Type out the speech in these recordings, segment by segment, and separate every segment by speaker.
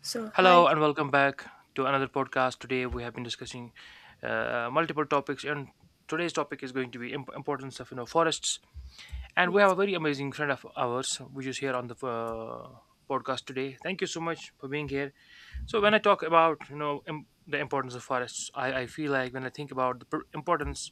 Speaker 1: So hi.
Speaker 2: Hello and welcome back to another podcast. Today we have been discussing multiple topics, and today's topic is going to be importance of forests. And we have
Speaker 1: Yes.
Speaker 2: a very amazing friend of ours, which is here on the podcast today. Thank you so much for being here. So when I talk about the importance of forests, I feel like when I think about the importance,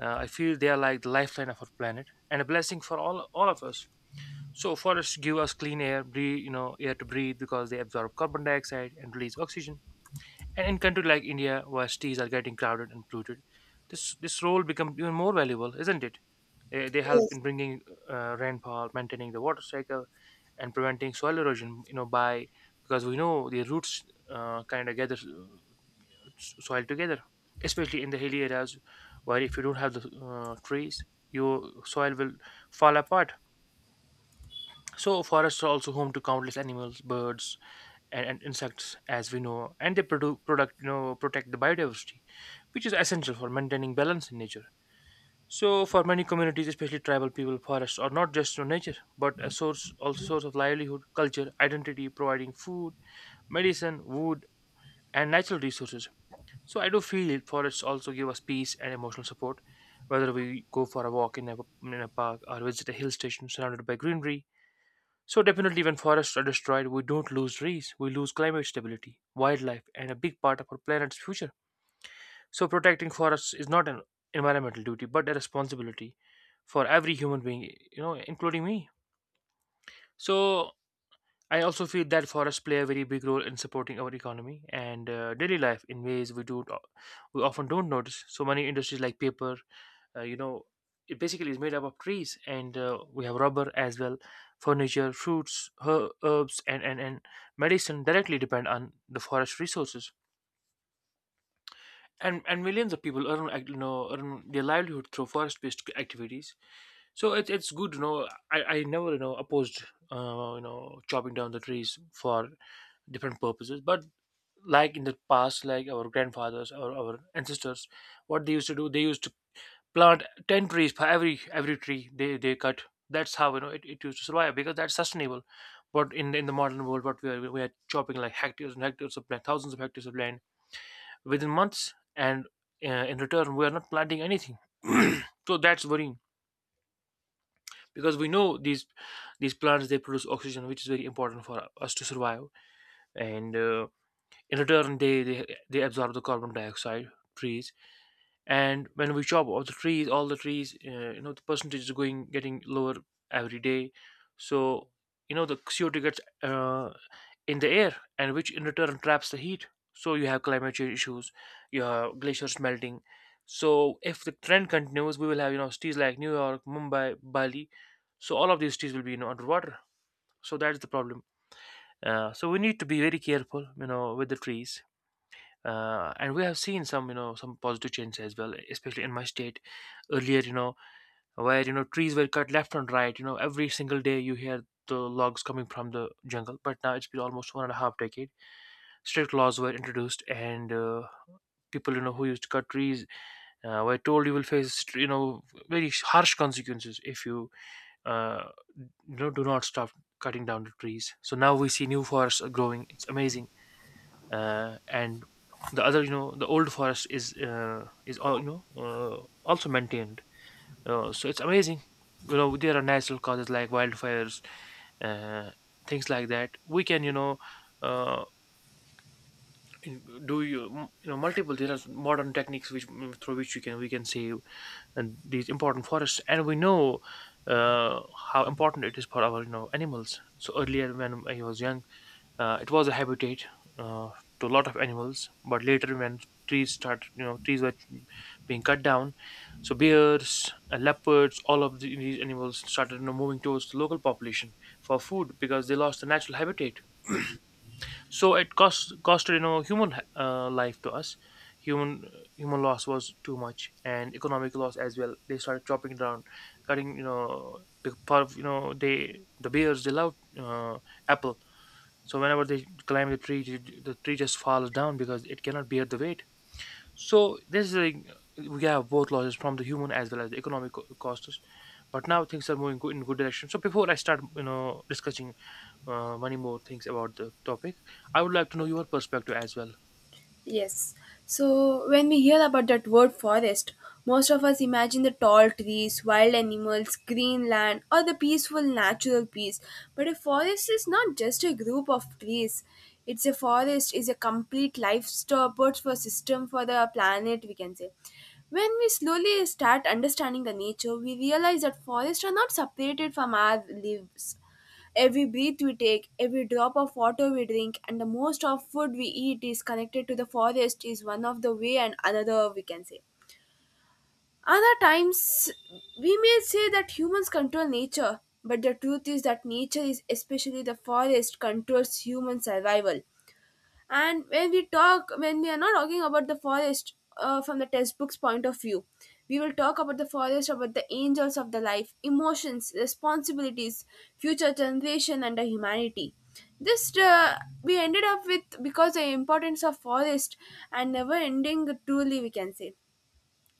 Speaker 2: I feel they are like the lifeline of our planet and a blessing for all of us. So forests give us clean air, breathe, you know, air to breathe because they absorb carbon dioxide and release oxygen, and in countries like India, where cities are getting crowded and polluted, this role becomes even more valuable, isn't it? They help
Speaker 1: Yes.
Speaker 2: in bringing rainfall, maintaining the water cycle, and preventing soil erosion. You know, by because we know the roots kind of gather soil together, especially in the hilly areas where if you don't have the trees, your soil will fall apart. So forests are also home to countless animals, birds, and insects as we know, and they produ- product you know protect the biodiversity, which is essential for maintaining balance in nature. So for many communities, especially tribal people, forests are not just you nature but a source, also source of livelihood, culture, identity, providing food, medicine, wood, and natural resources. So I do feel forests also give us peace and emotional support, whether we go for a walk in in a park or visit a hill station surrounded by greenery. So definitely when forests are destroyed, we don't lose trees, we lose climate stability, wildlife, and a big part of our planet's future. So protecting forests is not an environmental duty, but a responsibility for every human being, you know, including me. So I also feel that forests play a very big role in supporting our economy and daily life in ways we often don't notice. So many industries like paper, uh, you know it basically is made up of trees, and we have rubber as well, furniture, fruits, herbs, and medicine directly depend on the forest resources. And millions of people earn, earn their livelihood through forest based activities. So it's good, you know, I never, you know, opposed chopping down the trees for different purposes. But like in the past, like our grandfathers or our ancestors, what they used to do, they used to plant 10 trees for every tree they cut. That's how, you know, it used to survive because that's sustainable. But in in the modern world, what we are chopping like hectares and hectares of land, thousands of hectares of land within months, and in return we are not planting anything. So that's worrying, because we know these plants, they produce oxygen, which is very important for us to survive. And in return they absorb the carbon dioxide, trees. And when we chop off the trees, all the trees, you know, the percentage is going getting lower every day. So you know the CO2 gets in the air, and which in return traps the heat. So you have climate change issues, you have glaciers melting. So if the trend continues, we will have, you know, cities like New York, Mumbai, Bali. So all of these cities will be, you know, underwater. So that is the problem. So we need to be very careful, you know, with the trees. And we have seen some, you know, some positive changes as well, especially in my state. Earlier, you know, where, you know, trees were cut left and right, you know, every single day you hear the logs coming from the jungle. But now it's been almost 1.5 decade, strict laws were introduced. And people, you know, who used to cut trees, were told you will face, you know, very harsh consequences if you, uh, you know, do not stop cutting down the trees. So now we see new forests are growing, it's amazing. And the other, you know, the old forest is, is all, you know, also maintained. So it's amazing. You know, there are natural causes like wildfires, uh, things like that we can, you know, uh, do you you know, multiple, there are modern techniques which, through which you can we can save and these important forests. And we know uh, how important it is for our, you know, animals. So earlier when I was young, it was a habitat uh, to a lot of animals. But later, when trees start you know trees were being cut down, so bears, leopards, all of these animals started, you know, moving towards the local population for food because they lost the natural habitat. So it costed, you know, human life to us. Human human loss was too much, and economic loss as well. They started chopping down, cutting, you know, the part of, you know, they, the bears, they love, apple. So whenever they climb the tree, the tree just falls down because it cannot bear the weight. So this is like, we have both losses from the human as well as the economic costs. But now things are in good direction. So before I start, you know, discussing many more things about the topic. I would like to know your perspective as well.
Speaker 1: Yes. So when we hear about that word forest, most of us imagine the tall trees, wild animals, green land, or the peaceful natural peace. But a forest is not just a group of trees. It's a forest is a complete life support for system for the planet, we can say. When we slowly start understanding the nature, we realize that forests are not separated from our lives. Every breath we take, every drop of water we drink, and the most of food we eat is connected to the forest is one of the way and another we can say. Other times we may say that humans control nature, but the truth is that nature is especially the forest controls human survival. And when we talk when we are not talking about the forest from the textbook's point of view, we will talk about the forest about the angels of the life, emotions, responsibilities, future generation, and the humanity. This we ended up with because the importance of forest and never ending truly, we can say.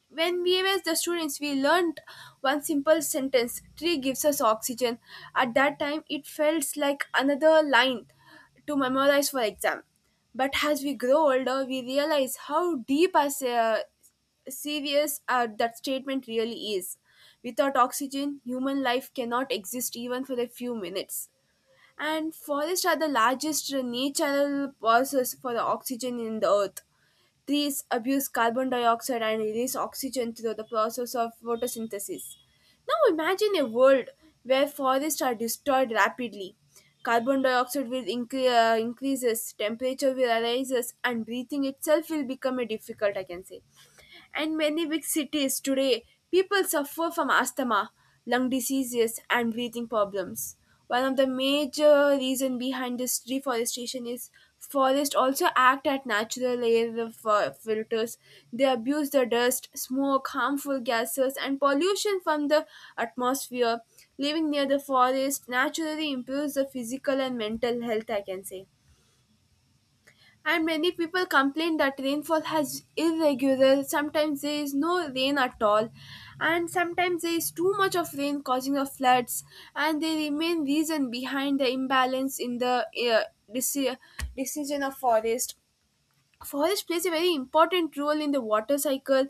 Speaker 1: When we were the students, we learned one simple sentence: tree gives us oxygen. At that time, it felt like another line to memorize for exam. But as we grow older, we realize how deep as serious that statement really is. Without oxygen, human life cannot exist even for a few minutes. And forests are the largest natural sources for the oxygen in the earth. Trees abuse carbon dioxide and release oxygen through the process of photosynthesis. Now imagine a world where forests are destroyed rapidly. Carbon dioxide will increases, temperature will rises, and breathing itself will become a difficult, I can say. And many big cities today, people suffer from asthma, lung diseases, and breathing problems. One of the major reasons behind this deforestation is forests also act as natural air filters. They abuse the dust, smoke, harmful gases, and pollution from the atmosphere. Living near the forest naturally improves the physical and mental health, I can say. And many people complain that rainfall has irregular, sometimes there is no rain at all and sometimes there is too much of rain causing the floods, and they remain reason behind the imbalance in the deci- decision of forest. Forest plays a very important role in the water cycle.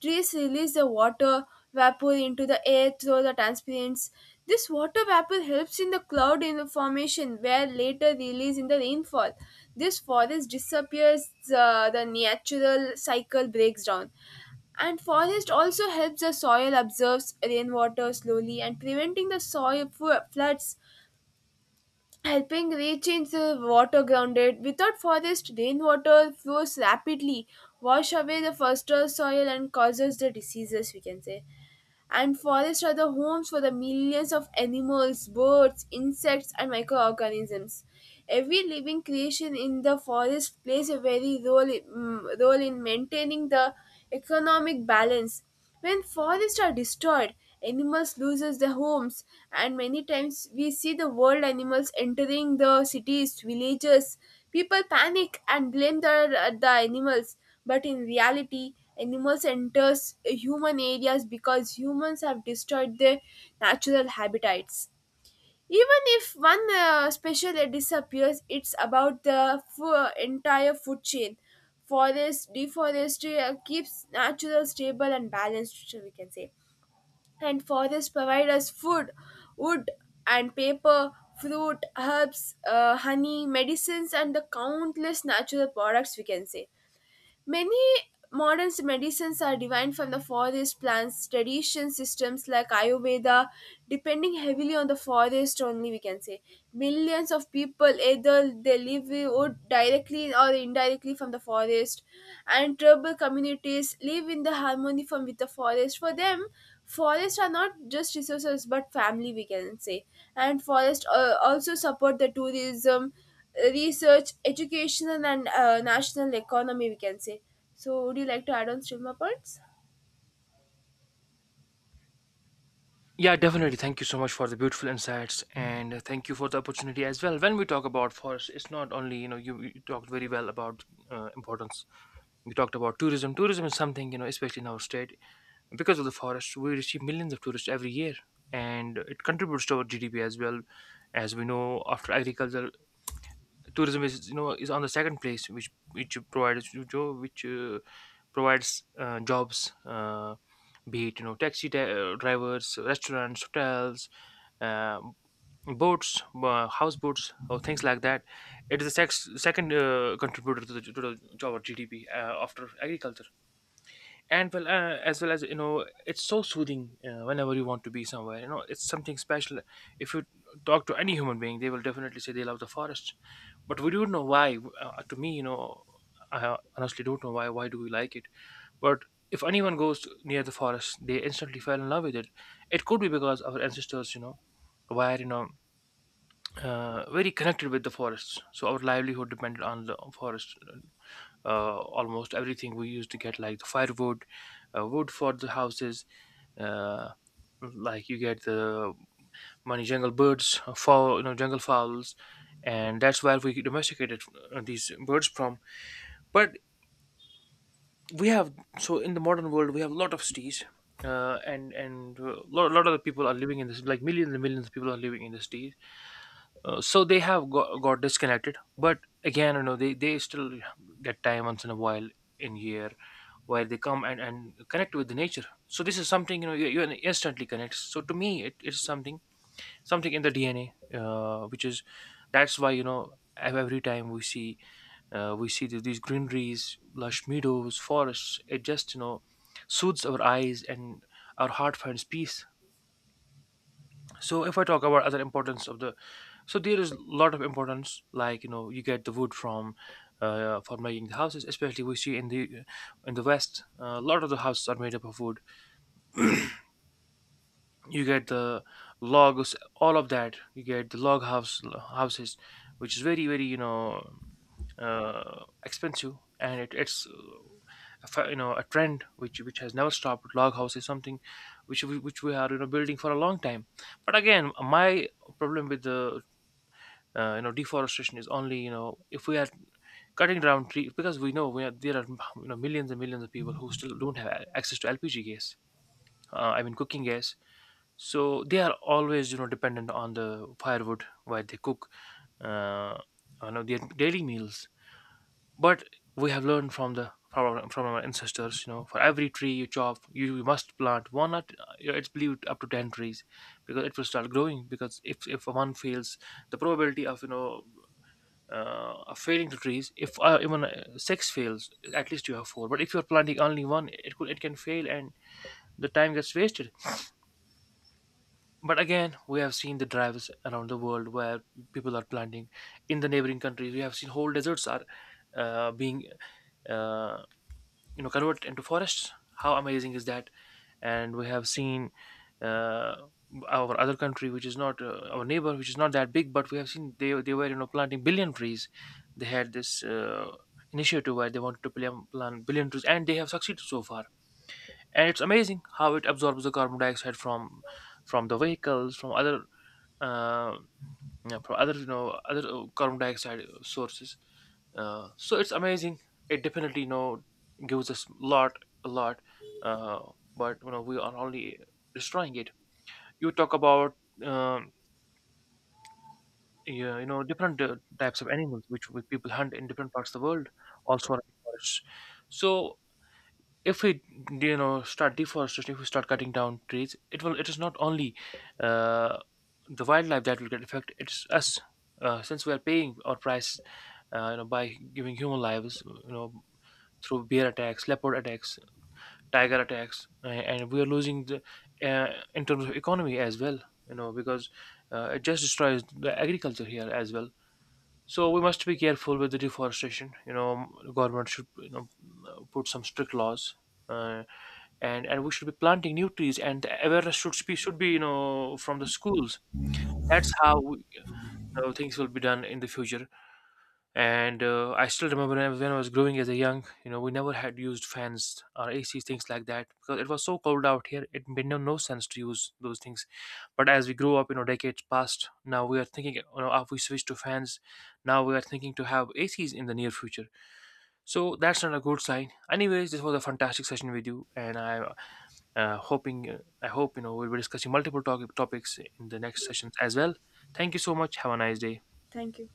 Speaker 1: Trees release the water vapor into the air through the transpirants. This water vapor helps in the cloud in the formation, where later release in the rainfall. This forest disappears, the natural cycle breaks down. And forest also helps the soil absorbs rainwater slowly and preventing the soil floods, helping reach the water grounded. Without forest, rainwater flows rapidly, wash away the fertile soil and causes the diseases, we can say. And forests are the homes for the millions of animals, birds, insects, and microorganisms. Every living creation in the forest plays a very role role in maintaining the economic balance. When forests are destroyed, animals loses their homes, and many times we see the wild animals entering the cities, villages. People panic and blame the animals, but in reality, animals enters human areas because humans have destroyed their natural habitats. Even if one species disappears, it's about the entire food chain. Forest deforestation keeps natural stable and balanced, so we can say. And forests provide us food, wood, and paper, fruit, herbs, honey, medicines, and the countless natural products, we can say. Many modern medicines are derived from the forest plants, tradition systems like Ayurveda, depending heavily on the forest only, we can say. Millions of people either they live or directly or indirectly from the forest, and tribal communities live in the harmony from with the forest. For them, forests are not just resources but family, we can say. And forests also support the tourism, research, education, and national economy, we can say. So, would you like to add on still more points?
Speaker 2: Yeah, definitely. Thank you so much for the beautiful insights, and thank you for the opportunity as well. When we talk about forest, it's not only, you know, you talked very well about importance. You talked about tourism. Tourism is something, you know, especially in our state, because of the forest, we receive millions of tourists every year, and it contributes to our GDP as well. As we know, after agriculture, tourism is, you know, is on the second place, which provides, which provides jobs, be it, you know, taxi drivers, restaurants, hotels, um boats, houseboats, or things like that. It is the second contributor to to the job or gdp after agriculture. And well, as well as, you know, it's so soothing. Whenever you want to be somewhere, you know, it's something special. If you talk to any human being, they will definitely say they love the forest. But we don't know why. To me, you know, I honestly don't know why do we like it. But if anyone goes near the forest, they instantly fell in love with it. It could be because our ancestors, were, you know, very connected with the forests. So our livelihood depended on the forest. Almost everything we used to get, like the firewood, wood for the houses, uh, like you get the money, jungle birds, fowl, you know, jungle fowls. And that's where we domesticated these birds from. But we have, so in the modern world, we have a lot of cities, and a lot of the people are living in this, like millions and millions of people are living in the cities. So they have got disconnected. But again, you know, they still get time once in a while in year, where they come and connect with the nature. So this is something, you know, you instantly connect. So to me it is something, something in the dna, which is that's why, you know, every time we see, these greeneries, lush meadows, forests, it just, you know, soothes our eyes and our heart finds peace. So if I talk about other importance of the, so there is a lot of importance, like, you know, you get the wood from, for making the houses, especially we see in the west a lot of the houses are made up of wood. You get the logs, all of that, you get the log house, houses, which is very very, you know, expensive. And it's a you know, a trend which has never stopped. Log house is something which which we are, you know, building for a long time. But again, my problem with the you know, deforestation is only, you know, if we are cutting down trees, because we know there are, you know, millions and millions of people who still don't have access to lpg gas, I mean, cooking gas. So they are always, you know, dependent on the firewood while they cook uh, you know, their daily meals. But we have learned from from our ancestors, you know, for every tree you chop, you must plant one at, it's believed up to 10 trees. Because it will start growing, because if one fails, the probability of, you know, of failing to trees if, even six fails, at least you have four. But if you're planting only one, it could, it can fail, and the time gets wasted. But again, we have seen the drives around the world where people are planting in the neighboring countries. We have seen whole deserts are, being, uh, you know, converted into forests. How amazing is that? And we have seen uh, our other country, which is not, our neighbor, which is not that big, but we have seen they were, you know, planting billion trees. They had this initiative where they wanted to plant billion trees, and they have succeeded so far. And it's amazing how it absorbs the carbon dioxide from the vehicles, from other, um, yeah, from other, you know, other carbon dioxide sources. So it's amazing. It definitely, you know, gives us lot a lot, uh, but you know, we are only destroying it. You talk about, um, yeah, you know, different types of animals which people hunt in different parts of the world, also around forests. So if we, you know, start deforestation, if we start cutting down trees, it is not only uh, the wildlife that will get affected, it's us. Since we are paying our price, you know, by giving human lives, you know, through bear attacks, leopard attacks, tiger attacks. And we are losing the uh, in terms of economy as well, you know, because it just destroys the agriculture here as well. So we must be careful with the deforestation. You know, government should, you know, put some strict laws, uh and we should be planting new trees. And the awareness should be, you know, from the schools. That's how, you know, things will be done in the future. And I still remember when I was growing as a young, you know, we never had used fans or ac things like that, because it was so cold out here, it made no sense to use those things. But as we grew up, you know, decades passed, now we are thinking, you know, if we switch to fans, now we are thinking to have acs in the near future. So that's not a good sign. Anyways, this was a fantastic session with you. And I, hoping I hope, you know, we'll be discussing multiple topics in the next sessions as well. Thank you so much. Have a nice day.
Speaker 1: Thank you.